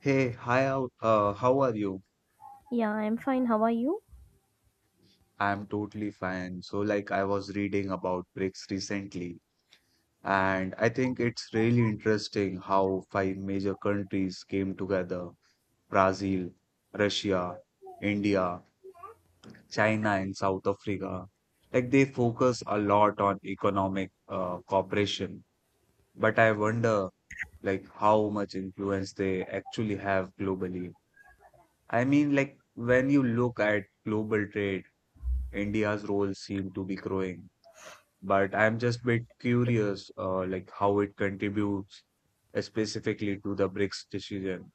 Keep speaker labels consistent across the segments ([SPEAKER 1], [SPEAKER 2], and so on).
[SPEAKER 1] Hi, how are you?
[SPEAKER 2] Yeah, I'm fine. How are you?
[SPEAKER 1] I'm totally fine. I was reading about BRICS recently, and I think it's really interesting how five major countries came together: Brazil, Russia, India, China, and South Africa. They focus a lot on economic cooperation, but I wonder, how much influence they actually have globally. When you look at global trade, India's role seem to be growing. But I'm just bit curious, how it contributes specifically to the BRICS decision.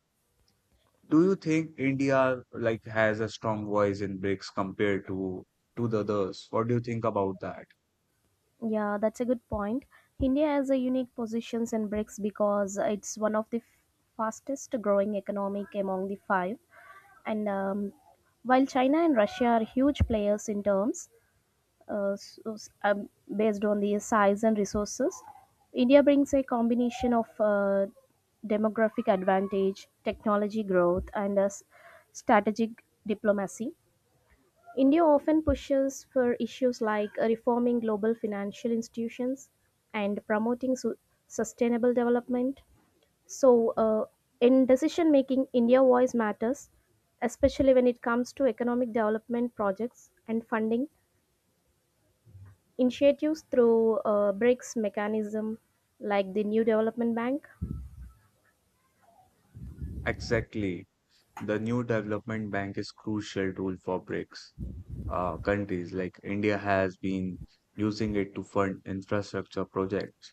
[SPEAKER 1] Do you think India like has a strong voice in BRICS compared to the others? What do you think about that?
[SPEAKER 2] Yeah, that's a good point. India has a unique positions in BRICS because it's one of the fastest growing economic among the five. And While China and Russia are huge players in terms uh, s- s- um, based on the size and resources, India brings a combination of demographic advantage, technology growth, and strategic diplomacy. India often pushes for issues like reforming global financial institutions and promoting sustainable development. So, in decision making, India voice matters, especially when it comes to economic development projects and funding initiatives through BRICS mechanism like the New Development Bank.
[SPEAKER 1] Exactly. The new development bank is crucial tool for BRICS countries. Like India has been using it to fund infrastructure projects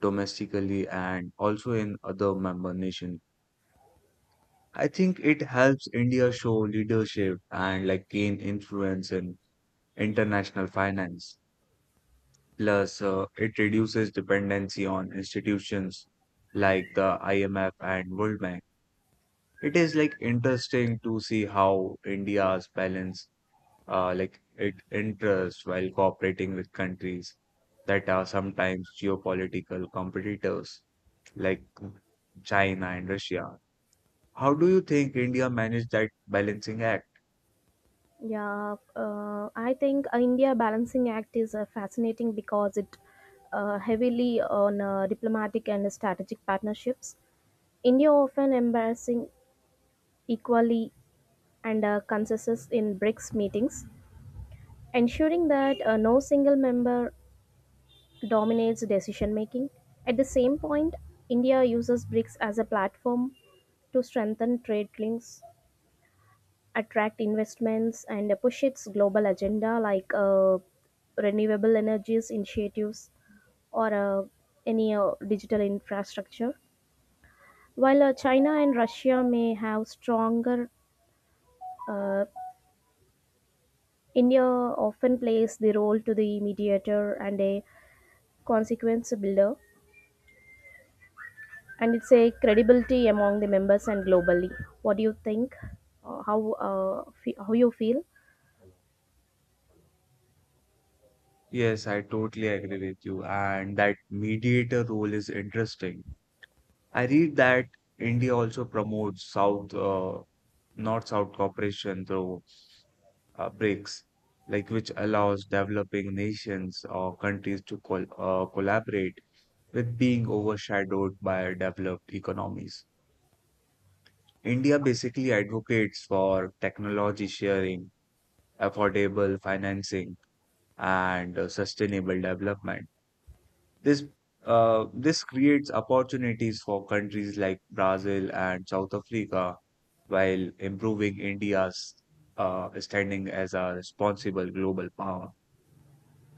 [SPEAKER 1] domestically and also in other member nation. I think it helps India show leadership and like gain influence in international finance. Plus, it reduces dependency on institutions like the IMF and World Bank. It is like interesting to see how India's balance it interests while cooperating with countries that are sometimes geopolitical competitors like China and Russia. How do you think India managed that balancing act?
[SPEAKER 2] Yeah, I think India Balancing Act is fascinating because it heavily on diplomatic and strategic partnerships. India often embarrassing equally and consensus in BRICS meetings, ensuring that no single member dominates decision making. At the same point, India uses BRICS as a platform to strengthen trade links attract investments and push its global agenda like renewable energies initiatives or any digital infrastructure. While China and Russia may have stronger, uh, India often plays the role to the mediator and a consequence builder, and it's a credibility among the members and globally. What do you think? How you feel?
[SPEAKER 1] Yes, I totally agree with you. And that mediator role is interesting. I read that India also promotes North-South cooperation through BRICS, like which allows developing nations or countries to collaborate with being overshadowed by developed economies. India basically advocates for technology sharing, affordable financing, and sustainable development. This this creates opportunities for countries like Brazil and South Africa while improving India's standing as a responsible global power.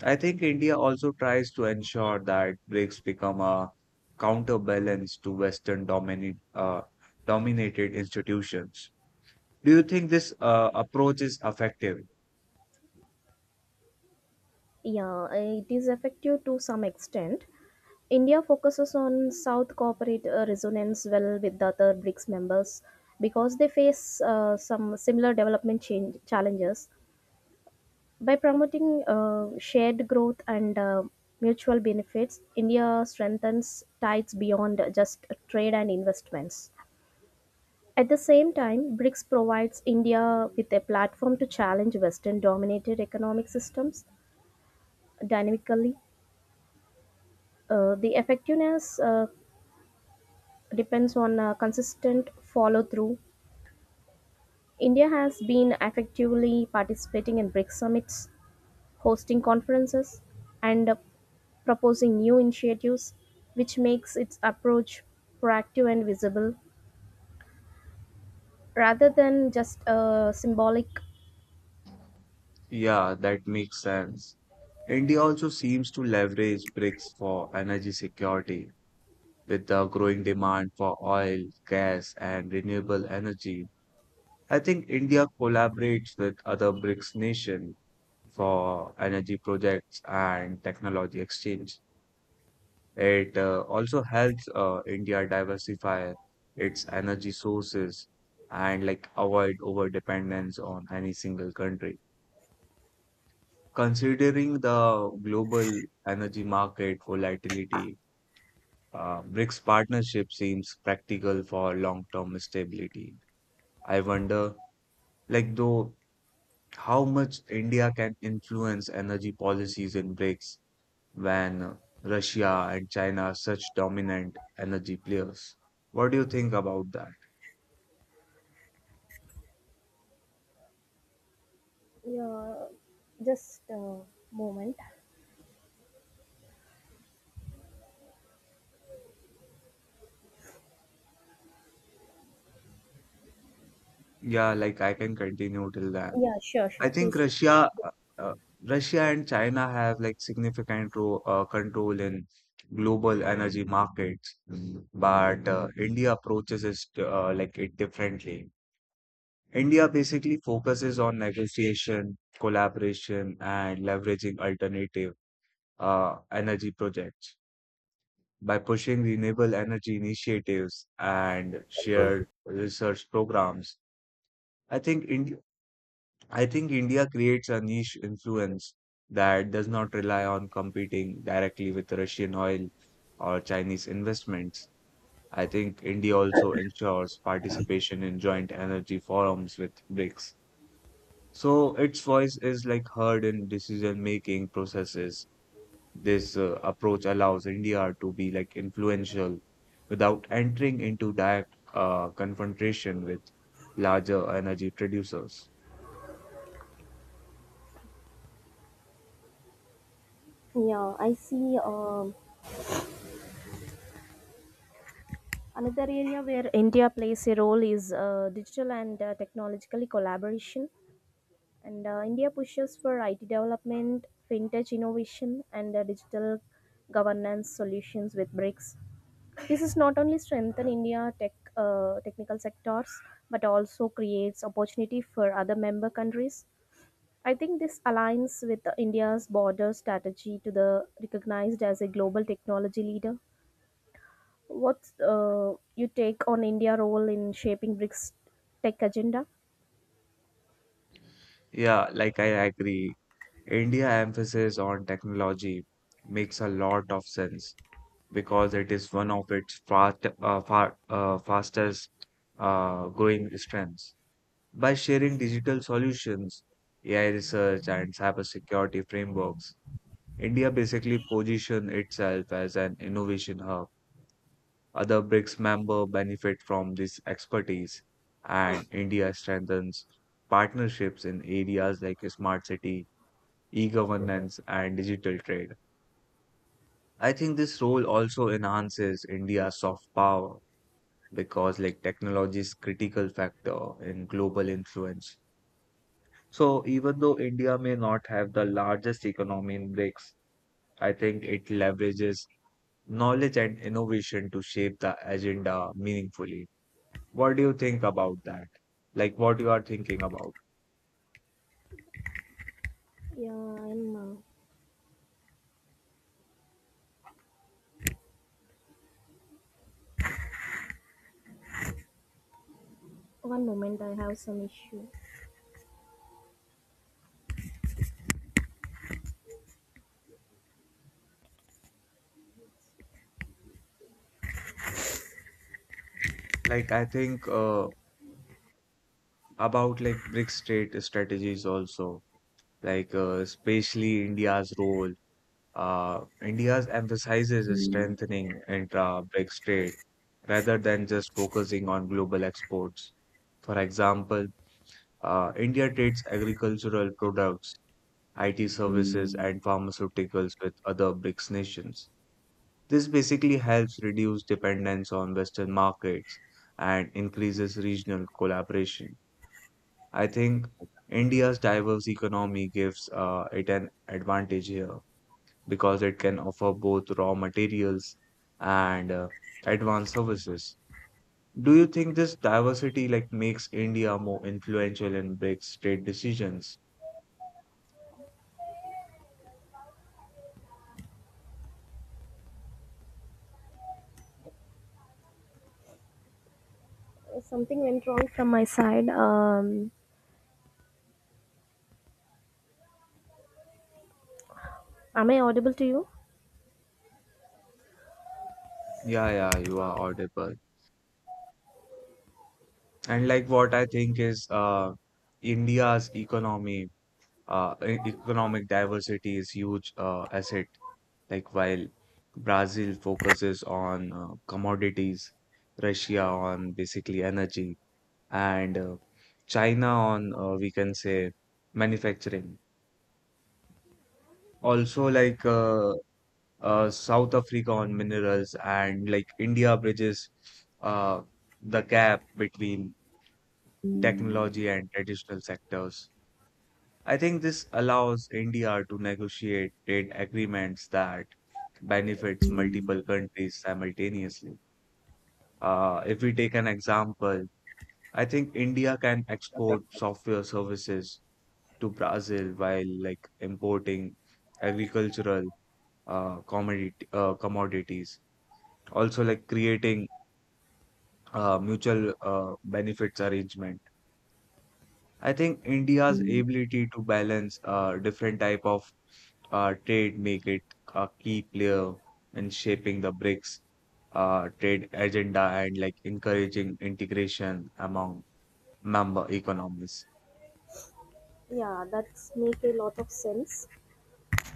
[SPEAKER 1] I think India also tries to ensure that BRICS become a counterbalance to Western dominated institutions. Do you think this approach is effective?
[SPEAKER 2] Yeah, it is effective to some extent India focuses on South corporate resonance well with the other BRICS members because they face some similar development change challenges. By promoting shared growth and mutual benefits, India strengthens ties beyond just trade and investments. At the same time, BRICS provides India with a platform to challenge Western dominated economic systems dynamically. The effectiveness depends on consistent follow through. India has been effectively participating in BRICS summits, hosting conferences, and proposing new initiatives, which makes its approach proactive and visible rather than just a symbolic.
[SPEAKER 1] Yeah, that makes sense. India also seems to leverage BRICS for energy security with the growing demand for oil, gas, and renewable energy. I think India collaborates with other BRICS nations for energy projects and technology exchange. It also helps India diversify its energy sources and like avoid over dependence on any single country. Considering the global energy market volatility, BRICS partnership seems practical for long-term stability. I wonder, like, though, how much India can influence energy policies in BRICS when Russia and China are such dominant energy players. What do you think about that?
[SPEAKER 2] Yeah, just a moment.
[SPEAKER 1] I can continue till then.
[SPEAKER 2] Yeah, sure,
[SPEAKER 1] I
[SPEAKER 2] sure,
[SPEAKER 1] think
[SPEAKER 2] please.
[SPEAKER 1] Uh, Russia and China have like significant ro control in global energy markets, but India approaches it it differently. India basically focuses on negotiation, collaboration, and leveraging alternative energy projects by pushing renewable energy initiatives and shared research programs. I think Ind- I think India creates a niche influence that does not rely on competing directly with Russian oil or Chinese investments. I think India also ensures participation in joint energy forums with BRICS, so its voice is like heard in decision-making processes. This approach allows India to be like influential without entering into direct confrontation with larger energy producers.
[SPEAKER 2] Yeah, I see, another area where India plays a role is digital and technological collaboration. And India pushes for IT development, fintech innovation, and digital governance solutions with BRICS. This is not only strengthen India technical sectors, but also creates opportunity for other member countries. I think this aligns with the India's border strategy to the recognized as a global technology leader. What's you take on India role in shaping BRICS tech agenda?
[SPEAKER 1] Yeah, like I agree. India emphasis on technology makes a lot of sense because it is one of its fastest growing strengths. By sharing digital solutions, AI research, and cybersecurity frameworks, India basically positions itself as an innovation hub. Other BRICS members benefit from this expertise, and India strengthens partnerships in areas like smart city, e governance, and digital trade. I think this role also enhances India's soft power because like technology is critical factor in global influence. So even though India may not have the largest economy in BRICS, I think it leverages knowledge and innovation to shape the agenda meaningfully. What do you think about that? Like what you are thinking about?
[SPEAKER 2] Yeah, I'm. One moment, I have some issue.
[SPEAKER 1] Like I think about like BRICS state strategies also, especially India's role. India's emphasizes strengthening intra-BRICS trade rather than just focusing on global exports. For example, India trades agricultural products, IT services, and pharmaceuticals with other BRICS nations. This basically helps reduce dependence on Western markets and increases regional collaboration. I think India's diverse economy gives it an advantage here because it can offer both raw materials and advanced services. Do you think this diversity like makes India more influential in BRICS trade decisions?
[SPEAKER 2] Something went wrong from my side. Am I audible to you?
[SPEAKER 1] Yeah, yeah, you are audible. And like what I think is India's economy, economic diversity is huge asset. Like while Brazil focuses on commodities, Russia on basically energy, and China on we can say manufacturing. Also South Africa on minerals and like India bridges uh the gap between technology and traditional sectors. I think this allows India to negotiate trade agreements that benefits multiple countries simultaneously. If we take an example, I think India can export software services to Brazil while like importing agricultural commodities. Also, like creating mutual benefits arrangement. I think India's ability to balance different type of trade make it a key player in shaping the BRICS trade agenda and like encouraging integration among member economies.
[SPEAKER 2] Yeah, that's make a lot of sense.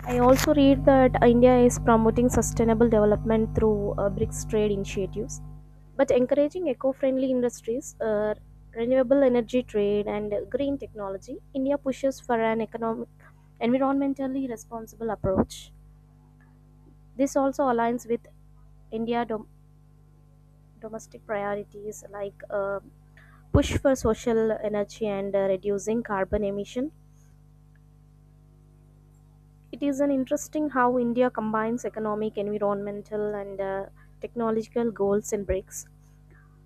[SPEAKER 2] I also read that India is promoting sustainable development through BRICS trade initiatives, but encouraging eco-friendly industries, renewable energy trade, and green technology. India pushes for an economic, environmentally responsible approach. This also aligns with India dom- domestic priorities like push for social energy and reducing carbon emission. It is an interesting how India combines economic, environmental, and technological goals in BRICS.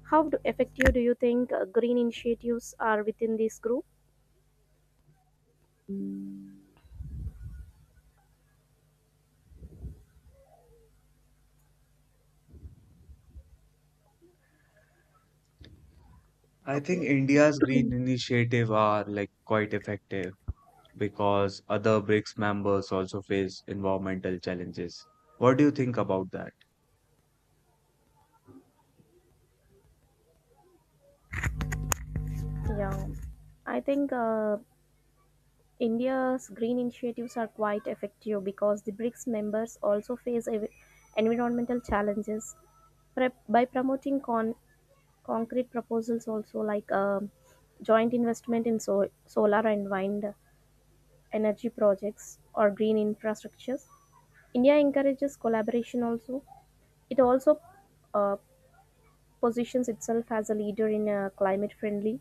[SPEAKER 2] How do, effective do you think green initiatives are within this group?
[SPEAKER 1] I think
[SPEAKER 2] Okay,
[SPEAKER 1] India's green initiative are like quite effective because other BRICS members also face environmental challenges. What do you think about that?
[SPEAKER 2] yeah, I think India's green initiatives are quite effective because the BRICS members also face environmental challenges. By promoting Concrete proposals also like joint investment in solar and wind energy projects or green infrastructures. India encourages collaboration also. It also uh, positions itself as a leader in climate friendly,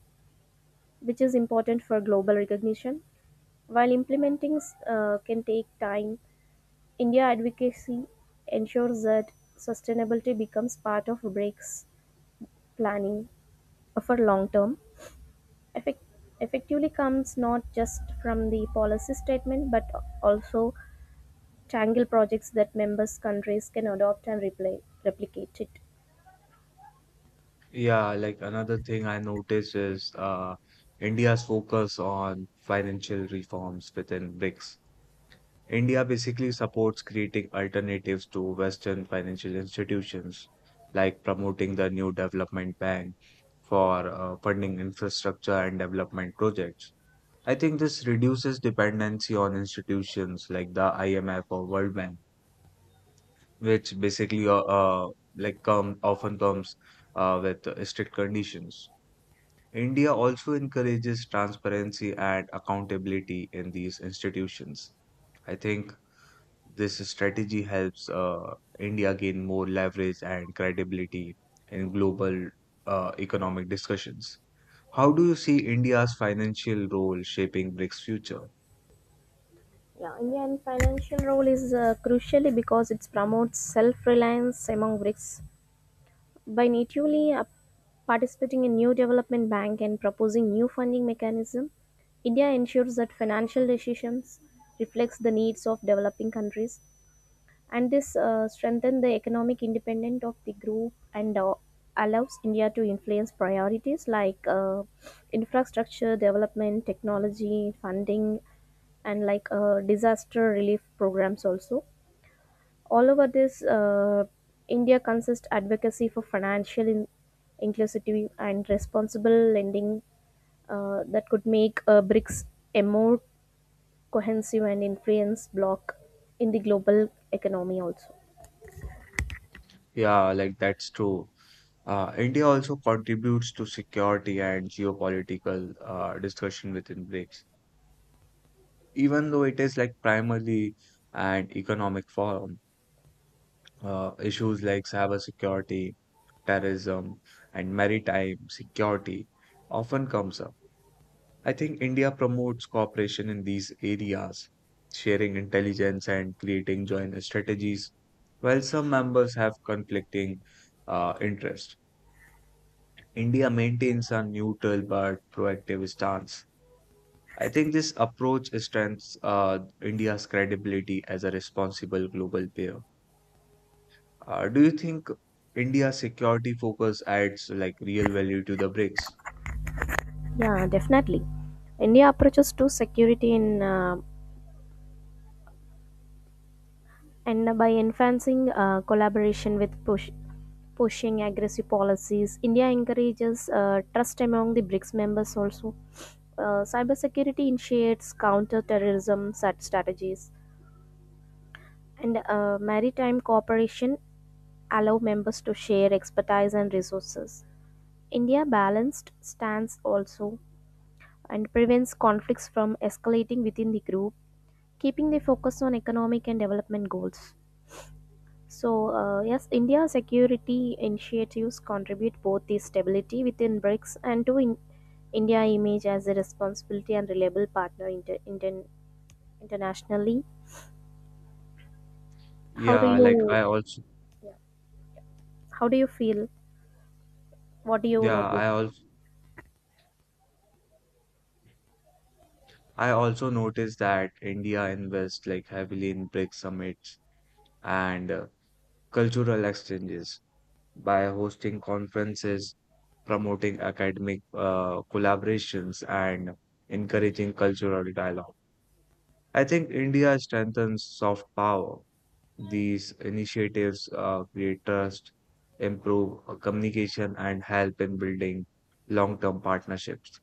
[SPEAKER 2] which is important for global recognition. While implementing can take time, India advocacy ensures that sustainability becomes part of BRICS planning for long term. effect- Effectively comes not just from the policy statement but also tangible projects that members countries can adopt and replicate it.
[SPEAKER 1] Yeah, like another thing I noticed is India's focus on financial reforms within BRICS. India basically supports creating alternatives to Western financial institutions, like promoting the new development bank for funding infrastructure and development projects. I think this reduces dependency on institutions like the IMF or World Bank, which basically come often comes with strict conditions. India also encourages transparency and accountability in these institutions. I think this strategy helps India gain more leverage and credibility in global economic discussions. How do you see India's financial role shaping BRICS' future?
[SPEAKER 2] Yeah, indian financial role is crucially because it promotes self-reliance among brics by natively participating in new development bank and proposing new funding mechanism india ensures that financial decisions reflects the needs of developing countries and this strengthens the economic independence of the group and allows India to influence priorities like infrastructure development, technology, funding, and like disaster relief programs also. All over this, India consists advocacy for financial inclusivity and responsible lending that could make BRICS a more cohesive and influence bloc in the global economy also.
[SPEAKER 1] Yeah, like that's true. India also contributes to security and geopolitical discussion within BRICS, even though it is like primarily an economic forum. Uh, issues like cybersecurity, terrorism, and maritime security often comes up. I think India promotes cooperation in these areas, sharing intelligence and creating joint strategies, while some members have conflicting interests. India maintains a neutral but proactive stance. I think this approach strengthens India's credibility as a responsible global player. Do you think India's security focus adds like real value to the BRICS?
[SPEAKER 2] Yeah, definitely. India approaches to security in and by enhancing collaboration with pushing aggressive policies. India encourages trust among the BRICS members also. Cybersecurity initiates counter-terrorism such strategies, and maritime cooperation allow members to share expertise and resources. India balanced stance also and prevents conflicts from escalating within the group keeping the focus on economic and development goals. So, yes, India's security initiatives contribute both the stability within BRICS and to India image as a responsibility and reliable partner internationally. How do
[SPEAKER 1] Yeah, like I
[SPEAKER 2] you
[SPEAKER 1] also
[SPEAKER 2] yeah. How do you feel? What do you
[SPEAKER 1] yeah,
[SPEAKER 2] notice?
[SPEAKER 1] I also noticed that India invests like heavily in BRICS summits and cultural exchanges by hosting conferences, promoting academic collaborations and encouraging cultural dialogue. I think India strengthens soft power. These initiatives create trust, improve communication, and help in building long term partnerships.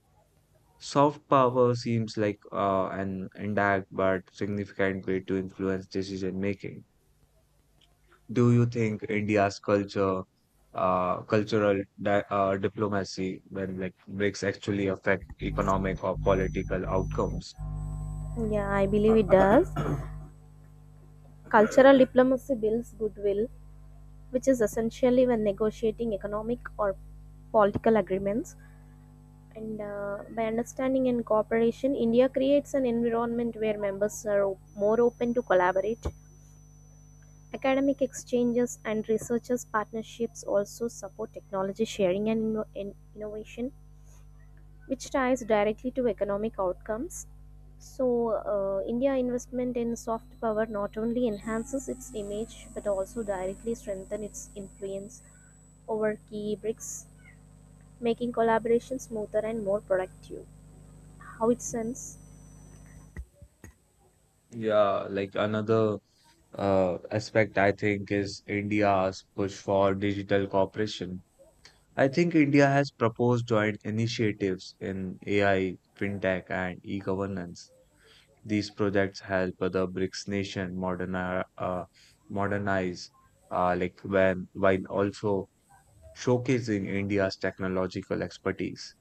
[SPEAKER 1] Soft power seems like an indirect but significant way to influence decision making. Do you think India's cultural diplomacy, when like BRICS actually affect economic or political outcomes?
[SPEAKER 2] Yeah, I believe it does. Cultural diplomacy builds goodwill, which is essentially when negotiating economic or political agreements. And By understanding and cooperation, India creates an environment where members are more open to collaborate. Academic exchanges and researchers' partnerships also support technology sharing and innovation, which ties directly to economic outcomes. So, India investment in soft power not only enhances its image but also directly strengthens its influence over key BRICS, making collaboration smoother and more productive. How it sense?
[SPEAKER 1] Yeah, like another aspect I think is India's push for digital cooperation. I think India has proposed joint initiatives in AI, fintech, and e-governance. These projects help the BRICS nation modernize, like when while also showcasing India's technological expertise.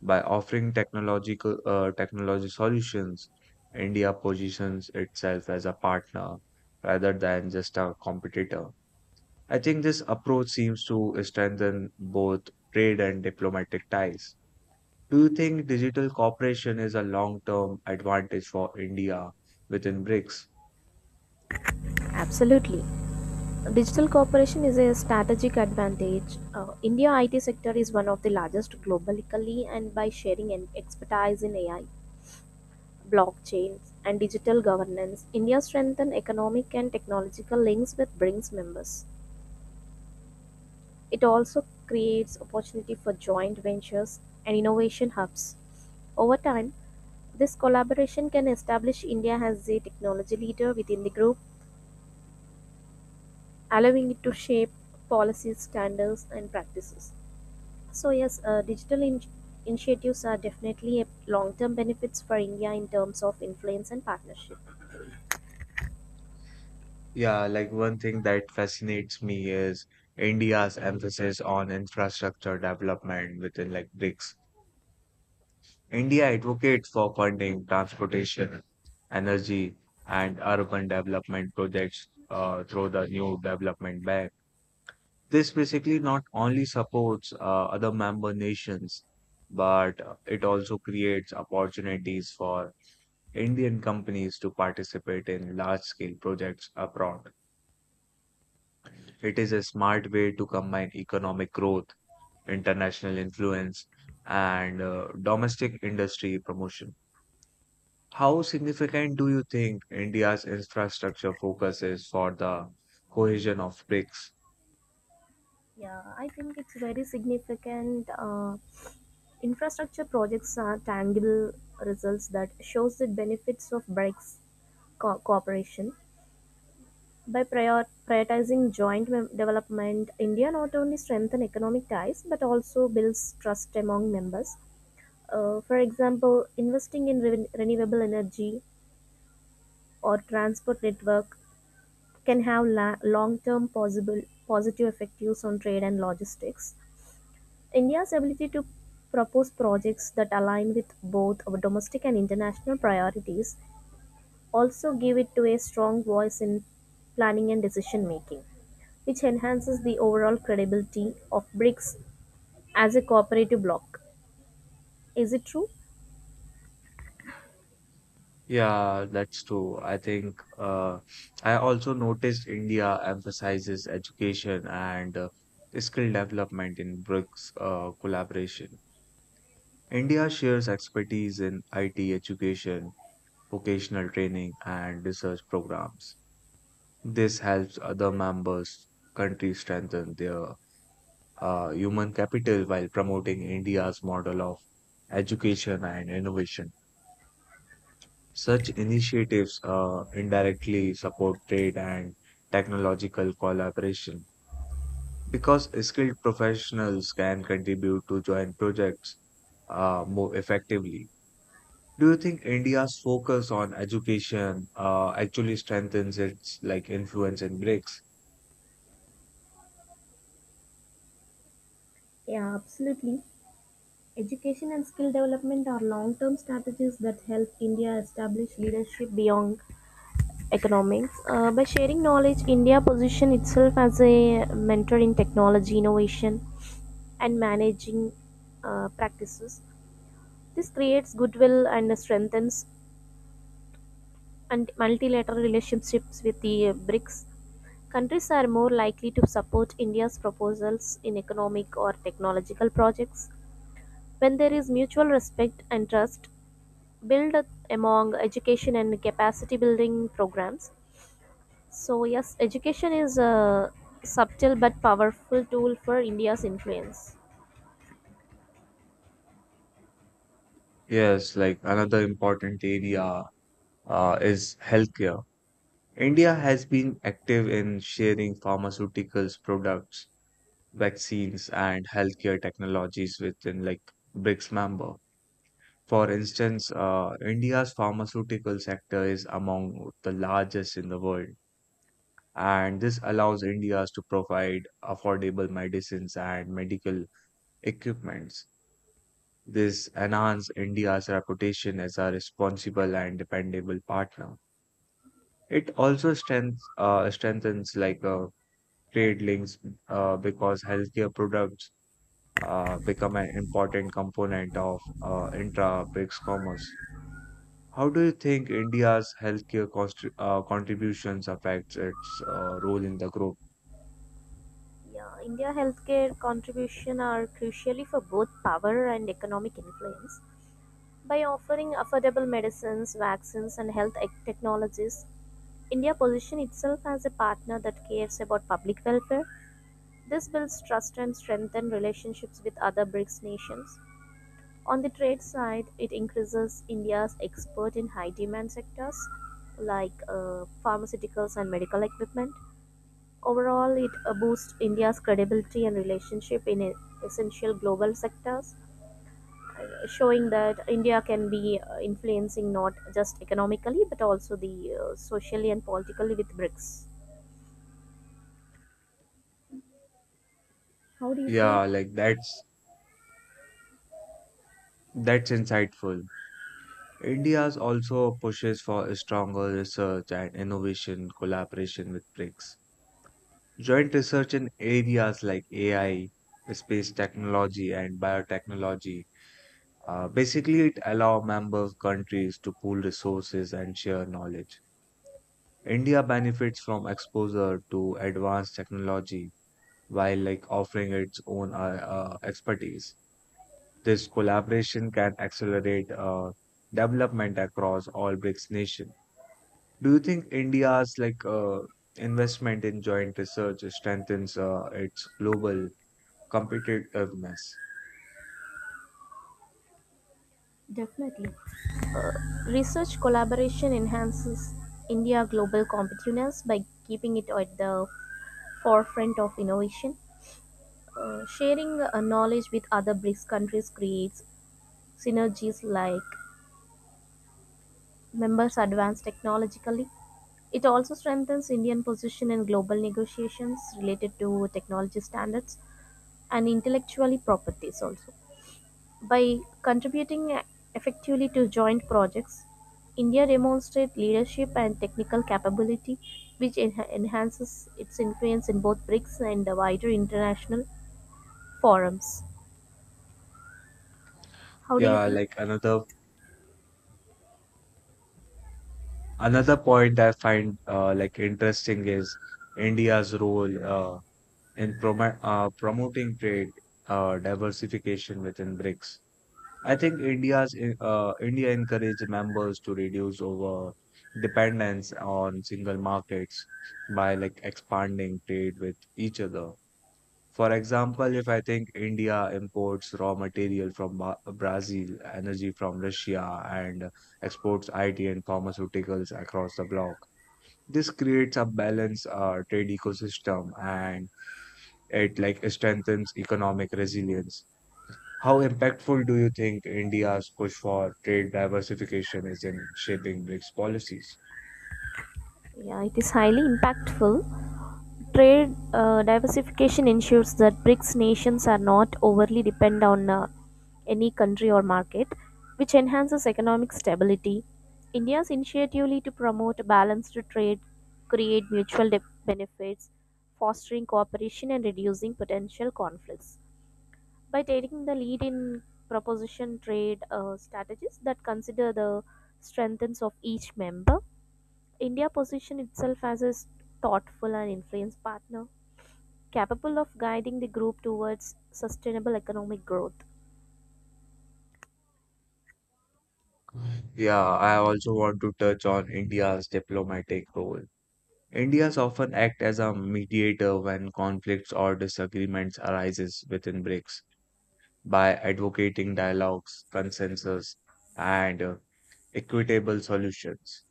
[SPEAKER 1] By offering technological technology solutions, India positions itself as a partner rather than just a competitor. I think this approach seems to strengthen both trade and diplomatic ties. Do you think digital cooperation is a long-term advantage for India within BRICS?
[SPEAKER 2] Absolutely. Digital cooperation is a strategic advantage. India IT sector is one of the largest globally and by sharing an expertise in AI, blockchains and digital governance, India strengthens economic and technological links with BRICS members. It also creates opportunity for joint ventures and innovation hubs. Over time, this collaboration can establish India as a technology leader within the group, allowing it to shape policies, standards, and practices. So yes, digital initiatives are definitely a long-term benefits for India in terms of influence and partnership.
[SPEAKER 1] Yeah, like one thing that fascinates me is India's emphasis on infrastructure development within like BRICS. India advocates for funding transportation, energy, and urban development projects through the new development bank. This basically not only supports other member nations, but it also creates opportunities for Indian companies to participate in large scale projects abroad. It is a smart way to combine economic growth, international influence, and domestic industry promotion. How significant do you think India's infrastructure focus is for the cohesion of BRICS?
[SPEAKER 2] Yeah, I think it's very significant. Infrastructure projects are tangible results that shows the benefits of BRICS cooperation. By prioritizing joint development, India not only strengthens economic ties but also builds trust among members. For example, investing in renewable energy or transport network can have long-term possible positive effects on trade and logistics. India's ability to propose projects that align with both our domestic and international priorities also give it to a strong voice in planning and decision making, which enhances the overall credibility of BRICS as a cooperative bloc. Is it true?
[SPEAKER 1] Yeah, that's true. I also noticed India emphasizes education and skill development in BRICS collaboration. India shares expertise in IT education, vocational training, and research programs. This helps other members countries strengthen their human capital while promoting India's model of education and innovation. Such initiatives indirectly support trade and technological collaboration because skilled professionals can contribute to joint projects more effectively. Do you think India's focus on education actually strengthens its like influence in BRICS?
[SPEAKER 2] Yeah, absolutely. Education and skill development are long term strategies that help India establish leadership beyond economics. By sharing knowledge, India positioned itself as a mentor in technology innovation and managing practices. This creates goodwill and strengthens and multilateral relationships with the BRICS. Countries are more likely to support India's proposals in economic or technological projects when there is mutual respect and trust built among education and capacity building programs. So, yes, education is a subtle but powerful tool for India's influence.
[SPEAKER 1] Yes, like another important area is healthcare. India has been active in sharing pharmaceuticals products, vaccines, and healthcare technologies within like BRICS member. For instance, India's pharmaceutical sector is among the largest in the world, and this allows India to provide affordable medicines and medical equipments. This enhances India's reputation as a responsible and dependable partner. It also strengthens like trade links because healthcare products become an important component of intra-BRICS commerce. How do you think India's contributions affects its role in the group?
[SPEAKER 2] Yeah, India healthcare contribution are crucially for both power and economic influence. By offering affordable medicines, vaccines, and health technologies, India positions itself as a partner that cares about public welfare. This builds trust and strengthens relationships with other BRICS nations. On the trade side, it increases India's export in high demand sectors like pharmaceuticals and medical equipment. Overall, it boosts India's credibility and relationship in essential global sectors, showing that India can be influencing not just economically but also the socially and politically with BRICS. How do you feel?
[SPEAKER 1] Yeah, like that's insightful. India's also pushes for a stronger research and innovation collaboration with BRICS. Joint research in areas like AI, space technology, and biotechnology. Basically, it allows member countries to pool resources and share knowledge. India benefits from exposure to advanced technology while like offering its own expertise. This collaboration can accelerate development across all BRICS nations. Do you think India's investment in joint research strengthens its global competitiveness?
[SPEAKER 2] Definitely. Uh, Research collaboration enhances India's global competitiveness by keeping it at the forefront of innovation. Sharing knowledge with other BRICS countries creates synergies like members advance technologically. It also strengthens Indian position in global negotiations related to technology standards and intellectual properties also. By contributing effectively to joint projects, India demonstrates leadership and technical capability, which enhances its influence in both BRICS and the wider international forums. How do you
[SPEAKER 1] Yeah,
[SPEAKER 2] think?
[SPEAKER 1] like another. Another point I find interesting is India's role in promo promoting trade diversification within BRICS. I think India encouraged members to reduce over dependence on single markets by like expanding trade with each other. For example, if I think India imports raw material from Brazil, energy from Russia, and exports IT and pharmaceuticals across the bloc. This creates a balanced trade ecosystem and it like strengthens economic resilience. How impactful do you think India's push for trade diversification is in shaping BRICS policies?
[SPEAKER 2] Yeah, it is highly impactful. Trade diversification ensures that BRICS nations are not overly dependent on any country or market, which enhances economic stability. India's initiative to promote a balanced trade, create mutual benefits, fostering cooperation and reducing potential conflicts. By taking the lead in proposition trade strategies that consider the strengths of each member, India positioned itself as a thoughtful and influenced partner, capable of guiding the group towards sustainable economic growth.
[SPEAKER 1] Yeah, I also want to touch on India's diplomatic role. India's often act as a mediator when conflicts or disagreements arises within BRICS by advocating dialogues, consensus, and equitable solutions.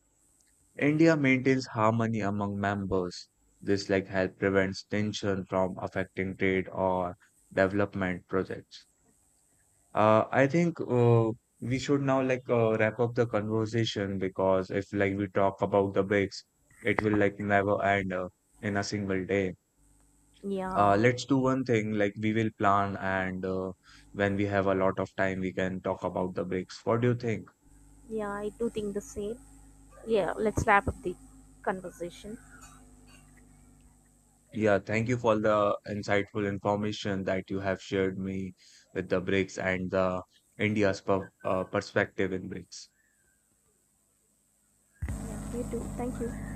[SPEAKER 1] India maintains harmony among members. This like help prevents tension from affecting trade or development projects. I think We should now like wrap up the conversation because if like we talk about the bigs, it will like never end in a single day.
[SPEAKER 2] Yeah,
[SPEAKER 1] Let's do one thing like we will plan and when we have a lot of time, we can talk about the bigs. What do you think?
[SPEAKER 2] yeah, I do think the same. Yeah, let's wrap up the conversation.
[SPEAKER 1] Yeah, thank you for the insightful information that you have shared me with the BRICS and the India's perspective in BRICS.
[SPEAKER 2] Yeah, you too. Thank you.